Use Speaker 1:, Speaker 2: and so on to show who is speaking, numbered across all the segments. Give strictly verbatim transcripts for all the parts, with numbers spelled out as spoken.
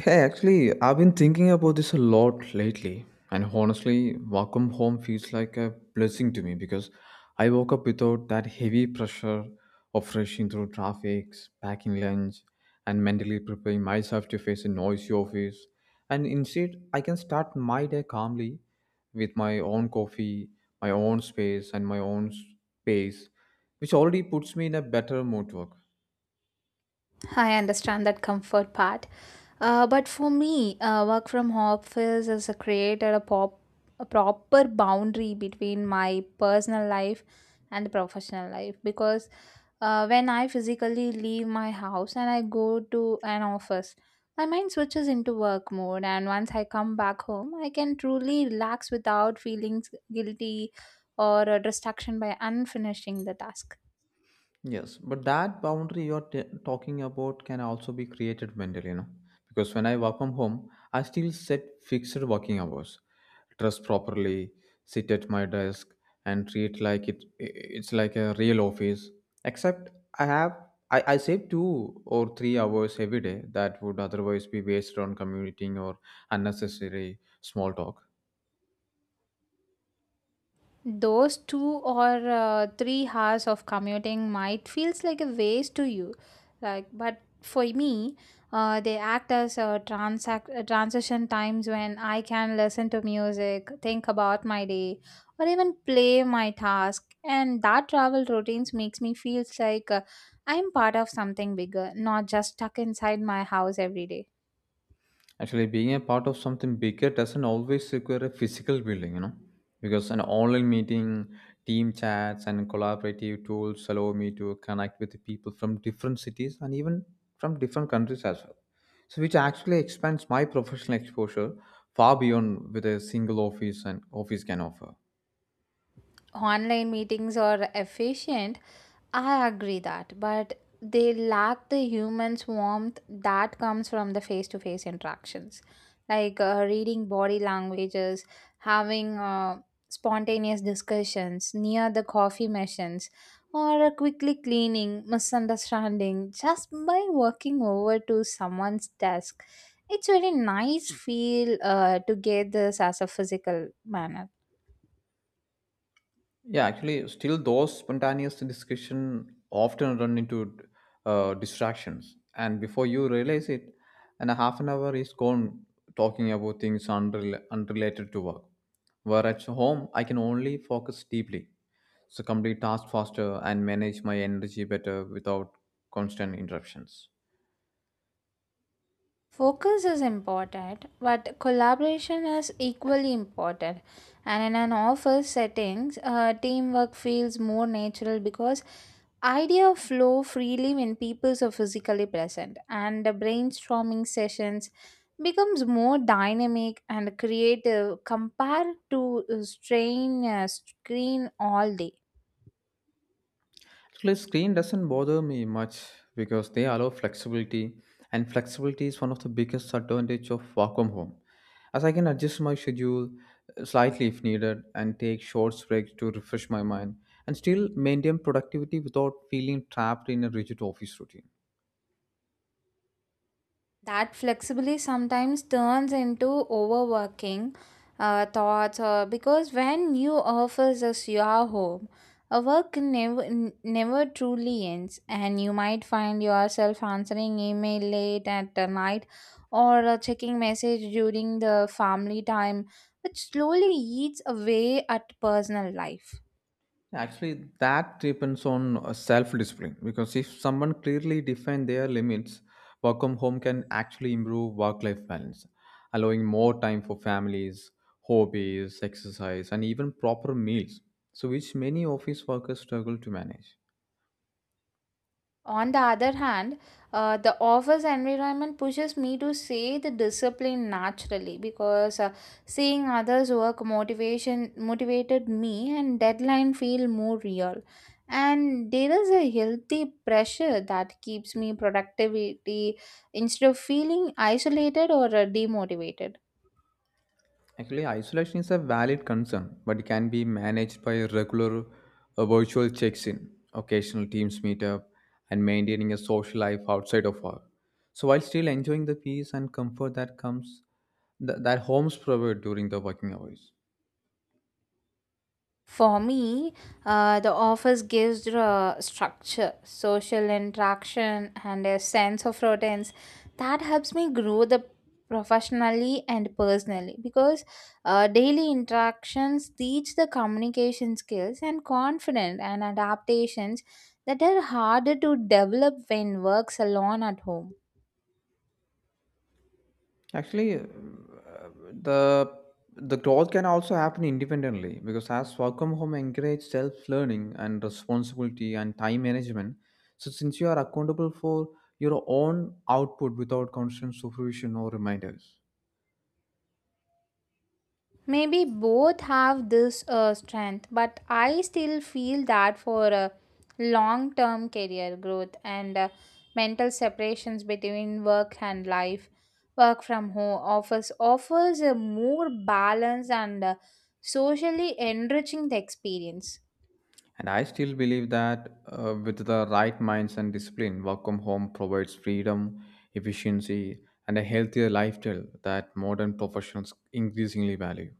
Speaker 1: Hey, actually, I've been thinking about this a lot lately, and honestly, welcome home feels like a blessing to me because I woke up without that heavy pressure of rushing through traffic, packing lunch, and mentally preparing myself to face a noisy office. And instead, I can start my day calmly with my own coffee, my own space, and my own space, which already puts me in a better mood to work.
Speaker 2: I understand that comfort part. Uh, but for me, uh, work from office has created a, pop, a proper boundary between my personal life and professional life because uh, when I physically leave my house and I go to an office, my mind switches into work mode. And once I come back home, I can truly relax without feeling guilty or a distraction by unfinishing the task.
Speaker 1: Yes, but that boundary you're t- talking about can also be created mentally, you know. Because when I work from home, I still set fixed working hours, dress properly, sit at my desk, and treat like it it's like a real office. Except I have I, I save two or three hours every day that would otherwise be wasted on commuting or unnecessary small talk.
Speaker 2: Those two or uh, three hours of commuting might feels like a waste to you, like but for me, uh, they act as a transact uh, transition times when I can listen to music, think about my day, or even play my task. And that travel routines makes me feels like uh, I'm part of something bigger, not just stuck inside my house every day.
Speaker 1: Actually, being a part of something bigger doesn't always require a physical building, you know, because an online meeting, team chats, and collaborative tools allow me to connect with people from different cities and even from different countries as well. So, which actually expands my professional exposure far beyond what a single office and office can offer.
Speaker 2: Online meetings are efficient, I agree that, but they lack the human's warmth that comes from the face to face interactions. Like uh, reading body languages, having uh, spontaneous discussions near the coffee machines, or quickly cleaning misunderstanding just by walking over to someone's desk. It's very nice feel uh, to get this as a physical manner.
Speaker 1: Yeah, actually, still those spontaneous discussion often run into uh, distractions, and before you realize it, and a half an hour is gone talking about things unrel- unrelated to work. Where at home, I can only focus deeply, so complete tasks faster and manage my energy better without constant interruptions.
Speaker 2: Focus is important, but collaboration is equally important. And in an office settings, uh, teamwork feels more natural because ideas flow freely when people are physically present, and the brainstorming sessions becomes more dynamic and creative compared to uh, strain uh, screen all day.
Speaker 1: Actually, screen doesn't bother me much because they allow flexibility, and flexibility is one of the biggest advantage of work from home. As I can adjust my schedule uh, slightly if needed and take short breaks to refresh my mind and still maintain productivity without feeling trapped in a rigid office routine.
Speaker 2: That flexibility sometimes turns into overworking uh, thoughts uh, because when you office is your home, a work never n- never truly ends, and you might find yourself answering email late at the night or uh, checking message during the family time, which slowly eats away at personal life.
Speaker 1: Actually, that depends on uh, self-discipline because if someone clearly defines their limits, work from home can actually improve work-life balance, allowing more time for families, hobbies, exercise, and even proper meals. So, which many office workers struggle to manage.
Speaker 2: On the other hand, uh, the office environment pushes me to see the discipline naturally because uh, seeing others work motivation motivated me and deadline feel more real. And there is a healthy pressure that keeps me productivity instead of feeling isolated or uh, demotivated.
Speaker 1: Actually, isolation is a valid concern, but it can be managed by regular uh, virtual checks in, occasional teams meetup, and maintaining a social life outside of work. So, while still enjoying the peace and comfort that comes, th- that homes provide during the working hours.
Speaker 2: For me, uh, the office gives uh, structure, social interaction, and a sense of routines that helps me grow the professionally and personally because uh, daily interactions teach the communication skills and confidence and adaptations that are harder to develop when works alone at home.
Speaker 1: Actually, uh, the the growth can also happen independently because as work from home encourages self-learning and responsibility and time management. So since you are accountable for your own output without constant supervision or reminders.
Speaker 2: Maybe both have this uh, strength, but I still feel that for uh, long term career growth and uh, mental separations between work and life, work from home office offers a more balanced and uh, socially enriching the experience.
Speaker 1: And I still believe that uh, with the right minds and discipline, work from home provides freedom, efficiency, and a healthier lifestyle that modern professionals increasingly value.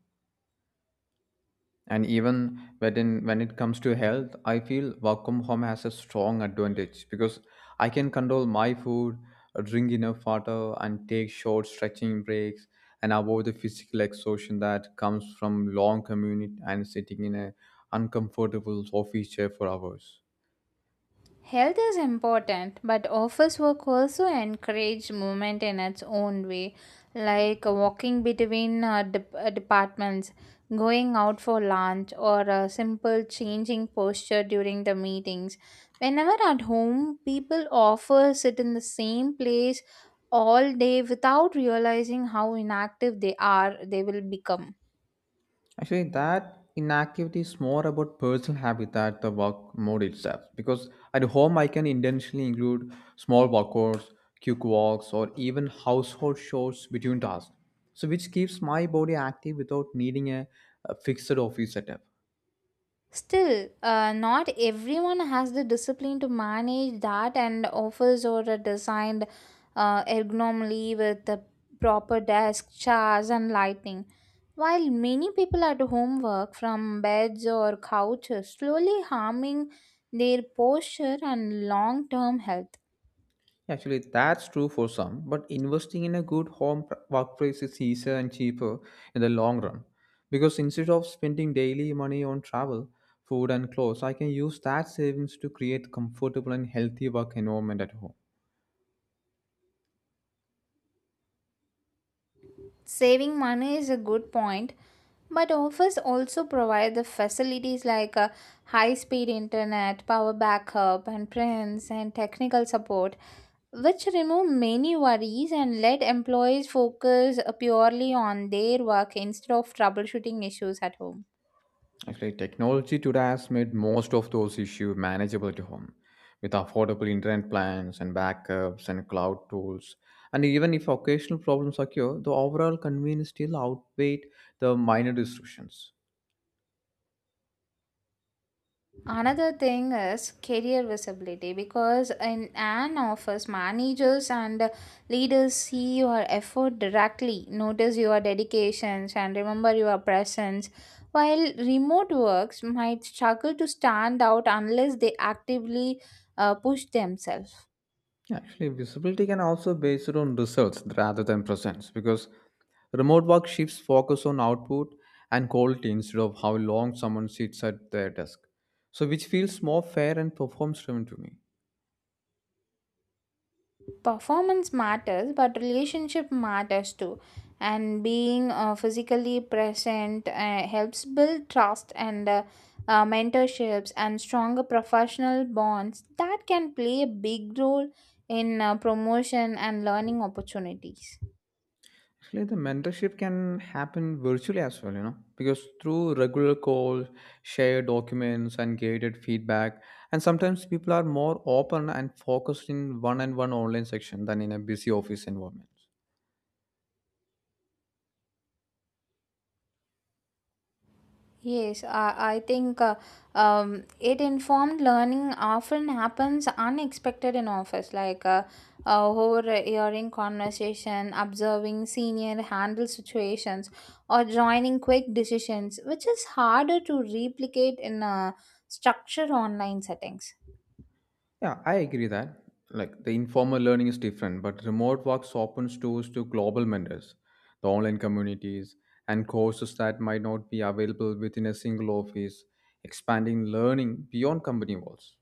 Speaker 1: And even when when it comes to health, I feel work from home has a strong advantage because I can control my food, drink enough water, and take short stretching breaks, and avoid the physical exhaustion that comes from long commute and sitting in a uncomfortable office chair for hours.
Speaker 2: Health is important, but office work also encourages movement in its own way, like walking between uh, de- uh, departments, going out for lunch, or a simple changing posture during the meetings. Whenever at home, people often sit in the same place all day without realizing how inactive they are, they will become.
Speaker 1: Actually, that inactivity is more about personal habit than the work mode itself. Because at home, I can intentionally include small workouts, quick walks, or even household chores between tasks. So, which keeps my body active without needing a, a fixed office setup.
Speaker 2: Still, uh, not everyone has the discipline to manage that, and offers or a designed uh, ergonomically with the proper desk, chairs, and lighting. While many people at home work from beds or couches, slowly harming their posture and long term health.
Speaker 1: Actually, that's true for some, but investing in a good home pr- workplace is easier and cheaper in the long run. Because instead of spending daily money on travel, food, and clothes, I can use that savings to create comfortable and healthy work environment at home.
Speaker 2: Saving money is a good point, but offers also provide the facilities like a high-speed internet, power backup, and prints and technical support, which remove many worries and let employees focus uh, purely on their work instead of troubleshooting issues at home.
Speaker 1: Actually, technology today has made most of those issues manageable at home with affordable internet plans and backups and cloud tools. And even if occasional problems occur, the overall convenience still outweigh the minor disruptions.
Speaker 2: Another thing is career visibility because in an office, managers and leaders see your effort directly, notice your dedications, and remember your presence. While remote works might struggle to stand out unless they actively uh, push themselves.
Speaker 1: Actually, visibility can also be based on results rather than presence because remote work shifts focus on output and quality instead of how long someone sits at their desk. So, which feels more fair and performance driven to me.
Speaker 2: Performance matters, but relationship matters too, and being uh, physically present uh, helps build trust and uh, uh, mentorships and stronger professional bonds that can play a big role in uh, promotion and learning opportunities.
Speaker 1: Actually, the mentorship can happen virtually as well, you know, because through regular calls, shared documents, and guided feedback, and sometimes people are more open and focused in one on one online section than in a busy office environment.
Speaker 2: Yes, I, I think uh, um, it informed learning often happens unexpected in office, like uh, uh, overhearing conversation, observing senior handle situations, or joining quick decisions, which is harder to replicate in a structured online settings.
Speaker 1: Yeah, I agree that. Like the informal learning is different, but remote works opens doors to global mentors, the online communities, and courses that might not be available within a single office, expanding learning beyond company walls.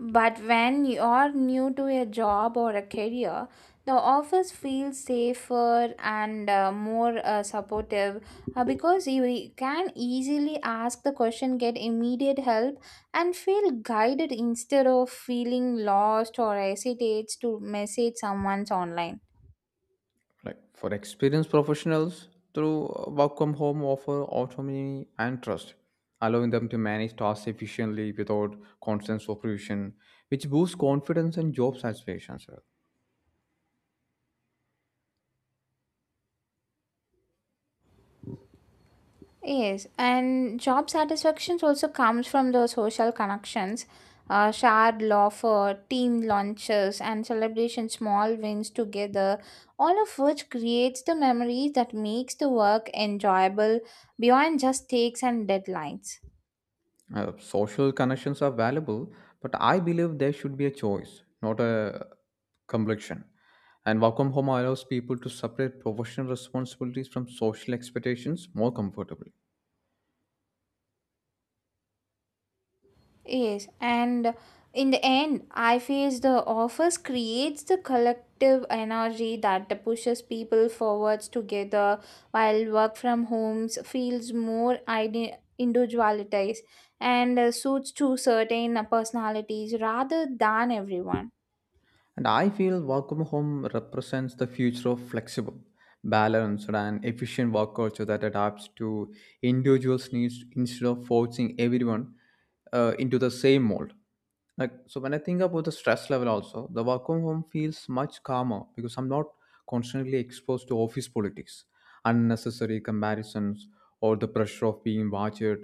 Speaker 2: But when you're new to a job or a career, the office feels safer and uh, more uh, supportive uh, because you can easily ask the question, get immediate help, and feel guided instead of feeling lost or hesitates to message someone's online.
Speaker 1: Like for experienced professionals, through uh, work from home offer autonomy and trust, allowing them to manage tasks efficiently without constant supervision, which boosts confidence and job satisfaction as well.
Speaker 2: Yes, and job satisfactions also comes from the social connections, uh, shared laughter, team lunches, and celebration small wins together. All of which creates the memories that makes the work enjoyable beyond just takes and deadlines.
Speaker 1: Uh, social connections are valuable, but I believe there should be a choice, not a complexion. And work from home allows people to separate professional responsibilities from social expectations more comfortably.
Speaker 2: Yes, and in the end, I feel the office creates the collective energy that pushes people forwards together, while work from homes feels more ide- individualized and uh, suits to certain personalities rather than everyone.
Speaker 1: And I feel work from home represents the future of flexible, balanced, and efficient work culture that adapts to individuals' needs instead of forcing everyone uh, into the same mold. Like so, when I think about the stress level, also the work from home feels much calmer because I'm not constantly exposed to office politics, unnecessary comparisons, or the pressure of being watched,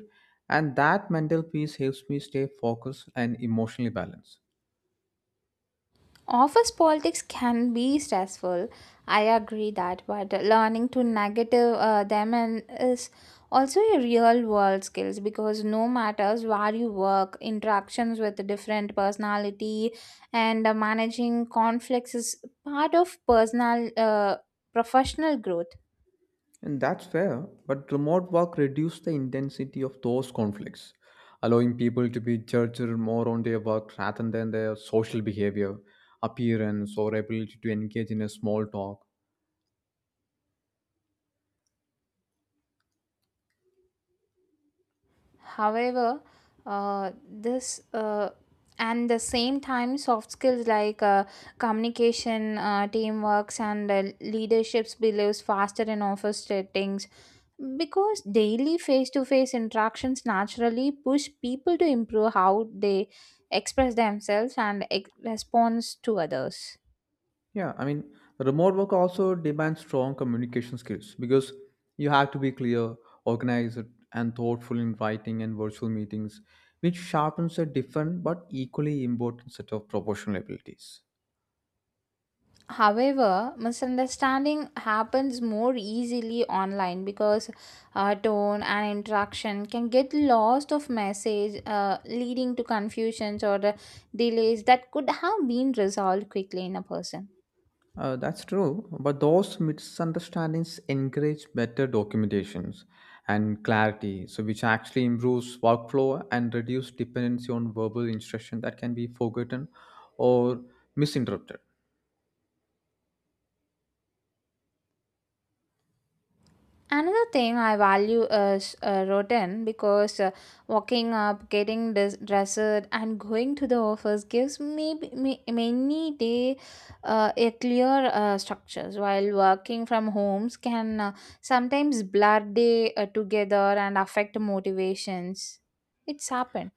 Speaker 1: and that mental peace helps me stay focused and emotionally balanced.
Speaker 2: Office politics can be stressful. I agree that, but learning to negative uh, them and is also a real world skills because no matters where you work, interactions with different personality and uh, managing conflicts is part of personal uh, professional growth.
Speaker 1: And that's fair, but remote work reduced the intensity of those conflicts, allowing people to be judged more on their work rather than their social behavior, appearance, or ability to engage in a small talk.
Speaker 2: However, uh, this uh, and the same time, soft skills like uh, communication, uh, teamworks, and uh, leaderships believes faster in office settings because daily face-to-face interactions naturally push people to improve how they express themselves and ex- responds to others.
Speaker 1: Yeah, I mean, remote work also demands strong communication skills because you have to be clear, organized, and thoughtful in writing and virtual meetings, which sharpens a different but equally important set of proportional abilities.
Speaker 2: However, misunderstanding happens more easily online because uh, tone and interaction can get lost of message, uh, leading to confusions or the delays that could have been resolved quickly in a person.
Speaker 1: Uh, that's true, but those misunderstandings encourage better documentations and clarity, so which actually improves workflow and reduce dependency on verbal instruction that can be forgotten or misinterpreted.
Speaker 2: Another thing I value is uh, routine because uh, waking up, getting dis- dressed, and going to the office gives me, me many day uh, a clear uh, structures. While working from homes can uh, sometimes blur day uh, together and affect motivations. It's happened.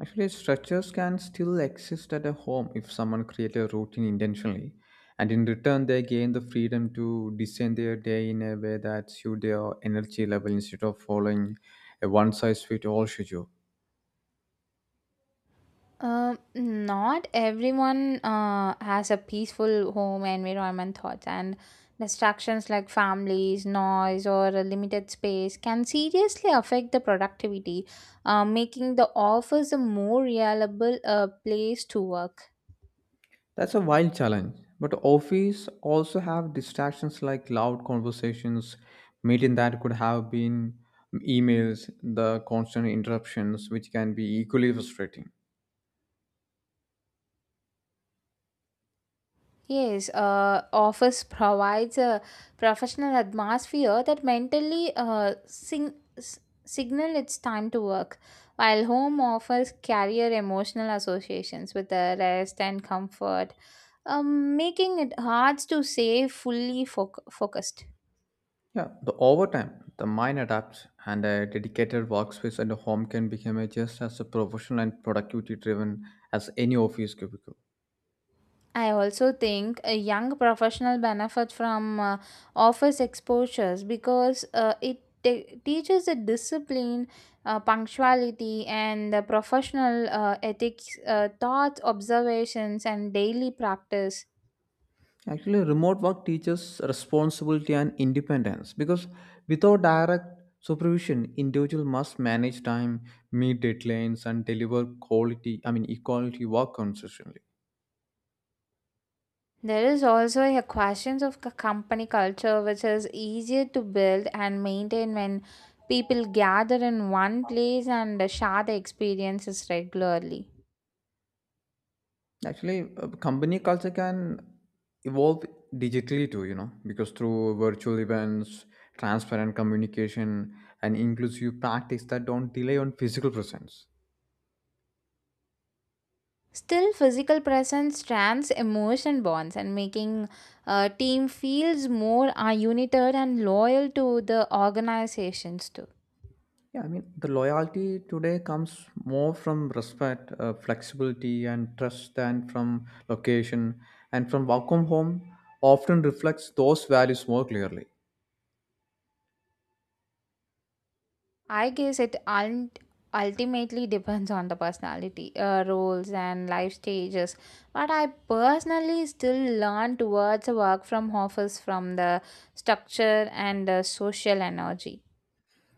Speaker 1: Actually, structures can still exist at a home if someone creates a routine intentionally, and in return, they gain the freedom to design their day in a way that suits their energy level instead of following a one-size-fits-all schedule.
Speaker 2: Um, not everyone uh, has a peaceful home environment thoughts and distractions like families, noise, or a limited space can seriously affect the productivity, uh, making the office a more reliable uh, place to work.
Speaker 1: That's a wild challenge. But office also have distractions like loud conversations, meeting that could have been emails, the constant interruptions, which can be equally frustrating.
Speaker 2: Yes, uh, office provides a professional atmosphere that mentally uh, sing- s- signal it's time to work, while home offers carrier emotional associations with the rest and comfort, um, making it hard to stay fully foc focused.
Speaker 1: Yeah, the overtime, the mind adapts, and a dedicated workspace and a home can become a just as a professional and productivity driven as any office cubicle.
Speaker 2: I also think a young professional benefit from uh, office exposures because uh, it te- teaches the discipline, uh, punctuality, and the professional uh, ethics, uh, thoughts, observations, and daily practice.
Speaker 1: Actually, remote work teaches responsibility and independence because without direct supervision, individual must manage time, meet deadlines, and deliver quality. I mean, equality work consistently.
Speaker 2: There is also a questions of c- company culture, which is easier to build and maintain when people gather in one place and uh, share the experiences regularly.
Speaker 1: Actually, uh, company culture can evolve digitally too. You know, because through virtual events, transparent communication, and inclusive practice that don't rely on physical presence.
Speaker 2: Still, physical presence strands emotion bonds and making uh, team feels more uh, united and loyal to the organizations too.
Speaker 1: Yeah, I mean, the loyalty today comes more from respect, uh, flexibility, and trust than from location. And from welcome home often reflects those values more clearly.
Speaker 2: I guess it ult- ultimately depends on the personality, uh, roles, and life stages. But I personally still learn towards a work from office from the structure and uh, social energy.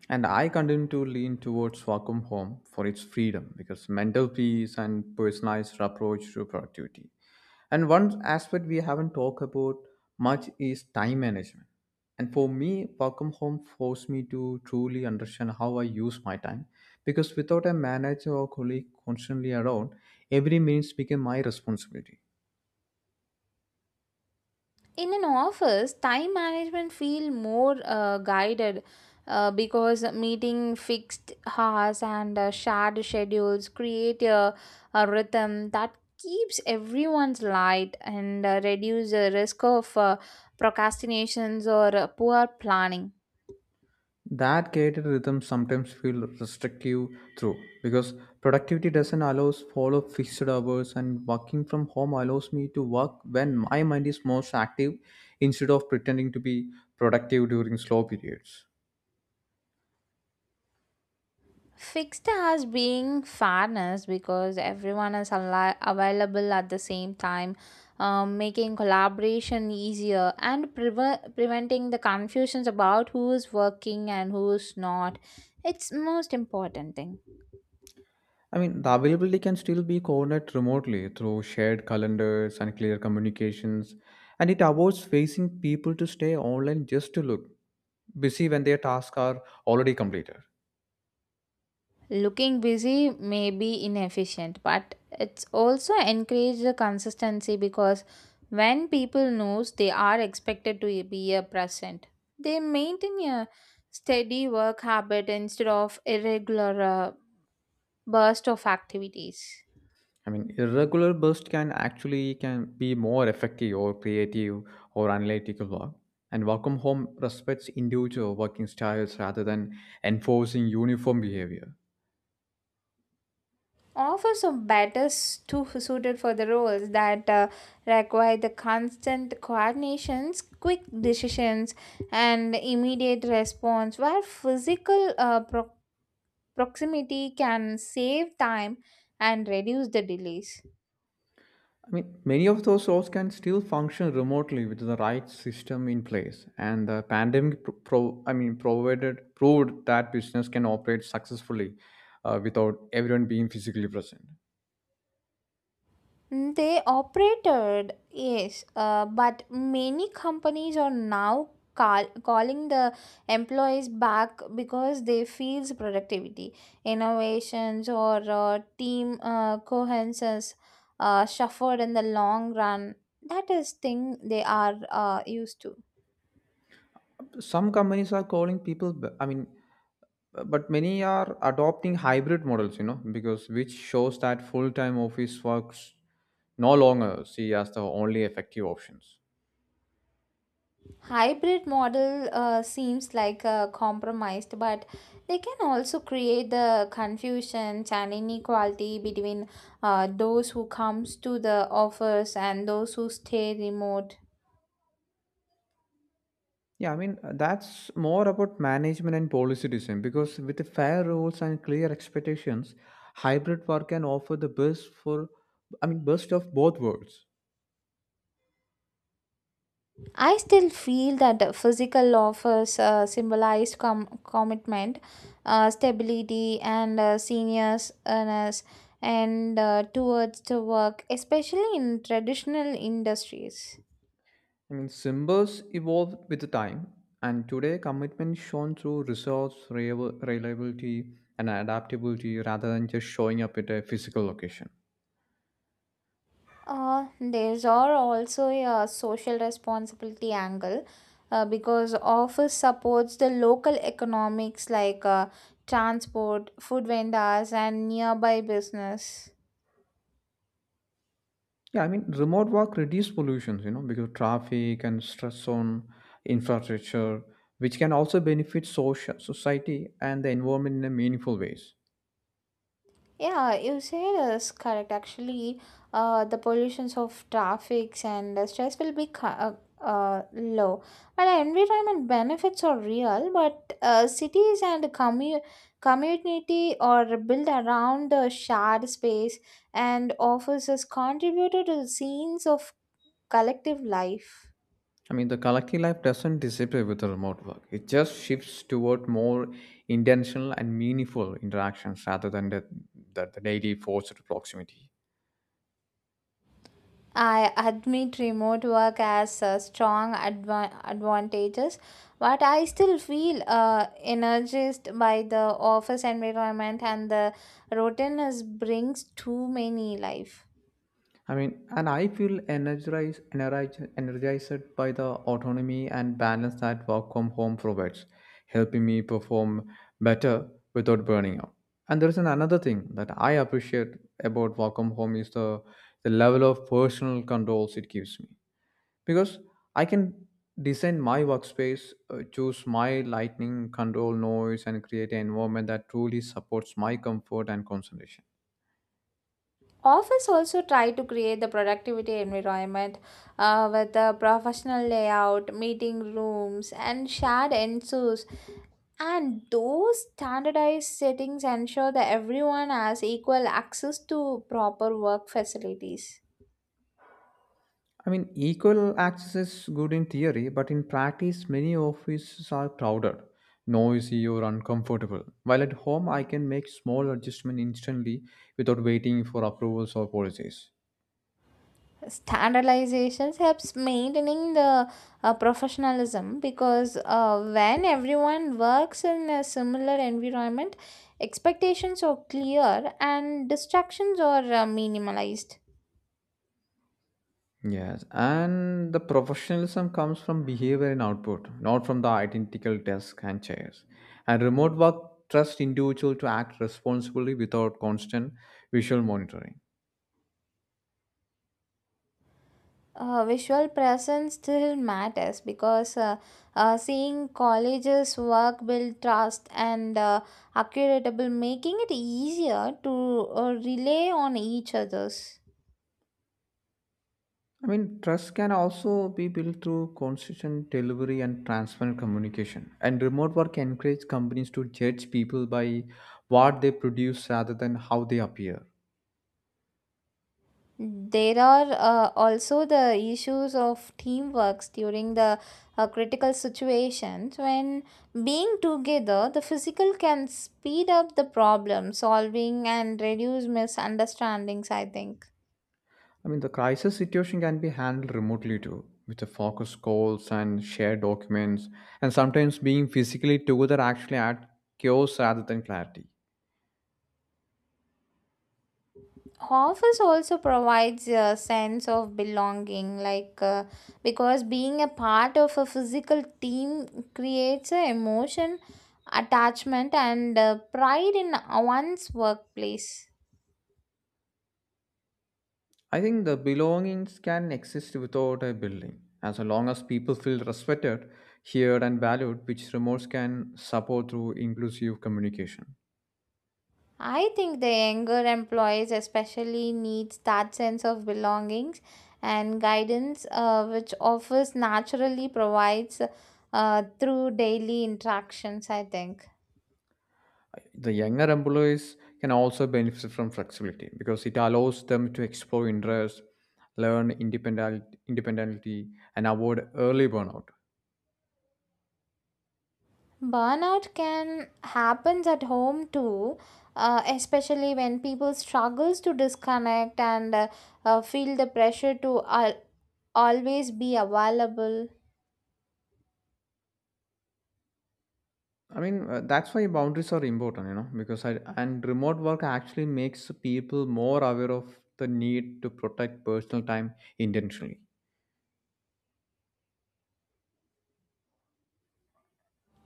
Speaker 1: And I continue to lean towards vacuum Home for its freedom because mental peace and personalized approach to productivity. And one aspect we haven't talked about much is time management. And for me, vacuum Home forced me to truly understand how I use my time because without a manager or colleague constantly around, every minute became my responsibility.
Speaker 2: In an office time management feel more uh, guided uh, because meeting fixed hours and uh, shared schedules create a, a rhythm that keeps everyone's light and uh, reduce the risk of uh, procrastinations or uh, poor planning.
Speaker 1: That created rhythms sometimes feel restrictive through because productivity doesn't allows follow fixed hours and working from home allows me to work when my mind is most active instead of pretending to be productive during slow periods.
Speaker 2: Fixed as being fairness because everyone is ali- available at the same time, um, making collaboration easier and preve- preventing the confusions about who is working and who is not. It's most important thing.
Speaker 1: I mean the availability can still be coordinated remotely through shared calendars and clear communications, and it avoids facing people to stay online just to look busy when their tasks are already completed.
Speaker 2: Looking busy may be inefficient, but it's also encourage the consistency because when people knows they are expected to be a present, they maintain a steady work habit instead of irregular uh, burst of activities.
Speaker 1: I mean, irregular bursts can actually can be more effective or creative or analytical work. And work from home respects individual working styles rather than enforcing uniform behavior.
Speaker 2: Offers of better too suited for the roles that uh, require the constant coordinations, quick decisions, and immediate response, where physical uh, pro- proximity can save time and reduce the delays.
Speaker 1: I mean, many of those roles can still function remotely with the right system in place. And the pandemic, pro- pro- I mean, provided proved that business can operate successfully uh, without everyone being physically present.
Speaker 2: They operated, yes, uh, but many companies are now call, calling the employees back because they feels productivity, innovations, or uh, team uh, cohesions uh, suffered in the long run. That is thing they are uh, used to.
Speaker 1: Some companies are calling people. b- I mean, Uh, but many are adopting hybrid models, you know, because which shows that full-time office works no longer see as the only effective options.
Speaker 2: Hybrid model uh, seems like a compromised, but they can also create the confusion and inequality between uh, those who comes to the offers and those who stay remote.
Speaker 1: Yeah i mean uh, that's more about management and policy design because with the fair rules and clear expectations, hybrid work can offer the best for, i mean best of both worlds.
Speaker 2: I still feel that the physical offers uh, symbolized com- commitment, uh, stability and uh, seniors earners and uh, towards the work, especially in traditional industries.
Speaker 1: I mean, symbols evolve with the time, and today commitment is shown through resource, reliab- reliability, and adaptability rather than just showing up at a physical location.
Speaker 2: Uh, there's are also a social responsibility angle uh, because office supports the local economics like uh, transport, food vendors, and nearby business.
Speaker 1: Yeah, I mean, remote work reduces pollutions, you know, because traffic and stress on infrastructure, which can also benefit social society and the environment in a meaningful ways.
Speaker 2: Yeah, you say this correct. Actually, uh, the pollutions of traffics and the stress will be ca- uh, uh, low. While environment benefits are real, but uh, cities and commu- community are built around the shared space and offices contributed to scenes of collective life.
Speaker 1: I mean, the collective life doesn't disappear with the remote work. It just shifts toward more intentional and meaningful interactions rather than the, the, the daily forced proximity.
Speaker 2: I admit remote work has uh, strong adva- advantages, but I still feel uh, energized by the office environment and the routine brings too many life.
Speaker 1: I mean, and I feel energized, energized, energized by the autonomy and balance that work from home provides, helping me perform better without burning out. And there is an another thing that I appreciate about work from home is the, the level of personal controls it gives me because I can design my workspace, uh, choose my lighting, control noise, and create an environment that truly supports my comfort and concentration.
Speaker 2: Office also try to create the productivity environment uh, with a professional layout, meeting rooms, and shared ensues. And those standardized settings ensure that everyone has equal access to proper work facilities.
Speaker 1: I mean, equal access is good in theory, but in practice, many offices are crowded, noisy, or uncomfortable. While at home, I can make small adjustment instantly without waiting for approvals or policies.
Speaker 2: Standardizations helps maintaining the uh, professionalism because uh, when everyone works in a similar environment, expectations are clear and distractions are uh, minimalized.
Speaker 1: Yes, and the professionalism comes from behavior and output, not from the identical desk and chairs. And remote work trusts individual to act responsibly without constant visual monitoring.
Speaker 2: Uh, visual presence still matters because uh, uh, seeing colleges work build trust and uh, accuratable, making it easier to uh, rely on each others.
Speaker 1: I mean, trust can also be built through consistent delivery and transparent communication. And remote work encourages companies to judge people by what they produce rather than how they appear.
Speaker 2: There are uh, also the issues of teamworks during the uh, critical situations. When being together, the physical can speed up the problem solving and reduce misunderstandings, I think.
Speaker 1: I mean, the crisis situation can be handled remotely too, with the focus calls and shared documents, and sometimes being physically together actually adds chaos rather than clarity.
Speaker 2: Office also provides a sense of belonging, like uh, because being a part of a physical team creates an emotion, attachment, and uh, pride in one's workplace.
Speaker 1: I think the belongings can exist without a building, as long as people feel respected, heard, and valued, which remotes can support through inclusive communication.
Speaker 2: I think the younger employees especially needs that sense of belongings and guidance uh, which office naturally provides uh, through daily interactions, I think.
Speaker 1: The younger employees can also benefit from flexibility because it allows them to explore interests, learn independent independently, and avoid early burnout.
Speaker 2: Burnout can happens at home too, uh, especially when people struggles to disconnect and uh, uh, feel the pressure to al- always be available.
Speaker 1: I mean, uh, that's why boundaries are important, you know, because I, and remote work actually makes people more aware of the need to protect personal time intentionally.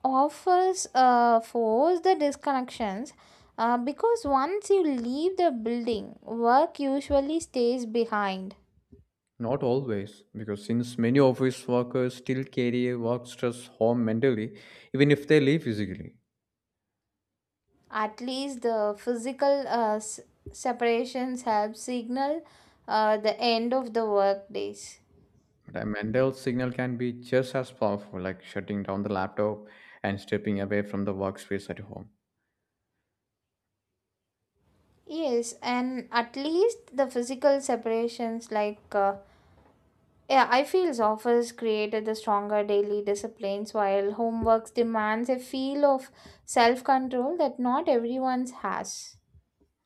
Speaker 2: Offers uh, force the disconnections uh, because once you leave the building, work usually stays behind.
Speaker 1: Not always, because since many office workers still carry work stress home mentally, even if they leave physically.
Speaker 2: At least the physical uh, s- separations help signal uh, the end of the work days.
Speaker 1: But a mental signal can be just as powerful, like shutting down the laptop and stepping away from the workspace at home.
Speaker 2: Yes, and at least the physical separations like uh, yeah, I feel offers created the stronger daily disciplines while homeworks demands a feel of self-control that not everyone has.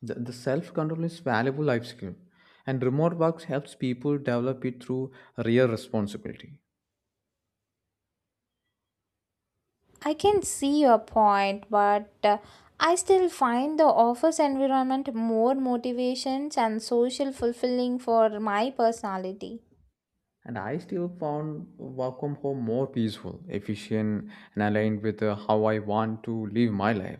Speaker 1: The, the self control is valuable life skill, and remote work helps people develop it through real responsibility.
Speaker 2: I can see your point, but uh, I still find the office environment more motivations and social fulfilling for my personality.
Speaker 1: And I still found work from home more peaceful, efficient, and aligned with uh, how I want to live my life.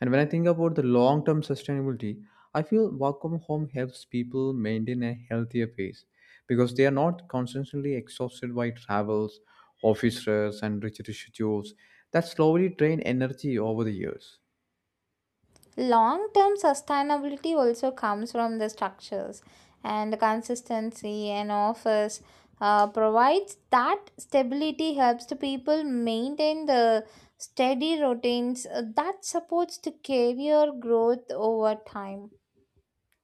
Speaker 1: And when I think about the long term sustainability, I feel work from home helps people maintain a healthier pace because they are not constantly exhausted by travels, office stress, and rigid schedules that slowly drain energy over the years.
Speaker 2: Long term sustainability also comes from the structures and consistency and office uh, provides that stability helps the people maintain the steady routines uh, that supports the career growth over time.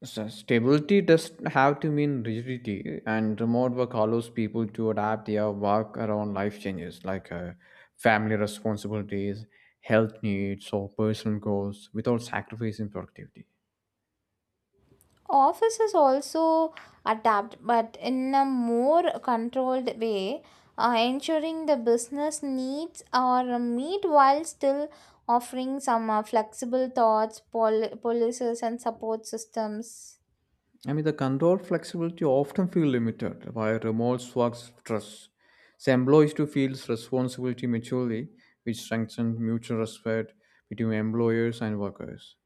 Speaker 1: So stability doesn't have to mean rigidity, and remote work allows people to adapt their work around life changes like uh, family responsibilities, health needs, or personal goals without sacrificing productivity.
Speaker 2: Office is also adapt but in a more controlled way uh, ensuring the business needs are meet while still offering some uh, flexible thoughts pol- policies and support systems.
Speaker 1: I mean, the controlled flexibility often feel limited, by remote work's stress. So employees to feel responsibility mutually, which strengthens mutual respect between employers and workers.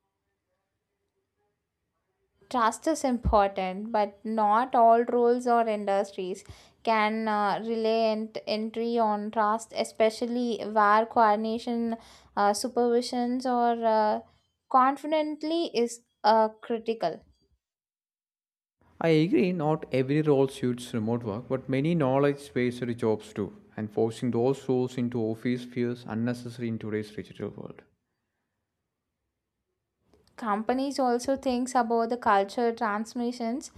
Speaker 2: Trust is important but not all roles or industries can uh, rely ent- entry on trust, especially where coordination uh, supervisions or uh, confidently is uh, critical.
Speaker 1: I agree, not every role suits remote work, but many knowledge based jobs do, and forcing those roles into office feels unnecessary in today's digital world.
Speaker 2: Companies also thinks about the culture transmissions,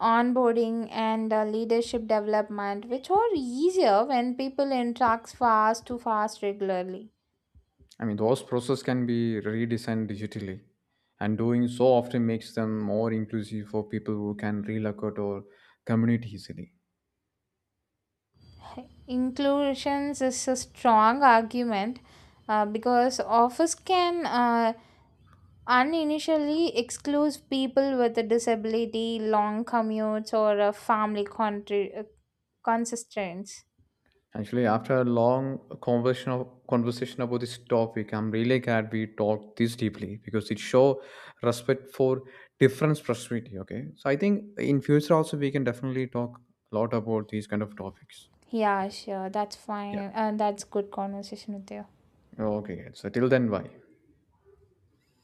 Speaker 2: onboarding and uh, leadership development, which are easier when people interact fast to fast regularly.
Speaker 1: I mean, those processes can be redesigned digitally, and doing so often makes them more inclusive for people who can relocate or commute easily.
Speaker 2: Inclusions is a strong argument uh, because office can uh, uninitially exclude people with a disability, long commutes or a family contri- uh, constraints.
Speaker 1: Actually, after a long conversation of, conversation about this topic, I'm really glad we talked this deeply because it show respect for different perspective. Okay, so I think in future also we can definitely talk a lot about these kind of topics.
Speaker 2: Yeah, sure, that's
Speaker 1: Yeah.
Speaker 2: fine, and that's good conversation with you.
Speaker 1: Okay, so till then, bye.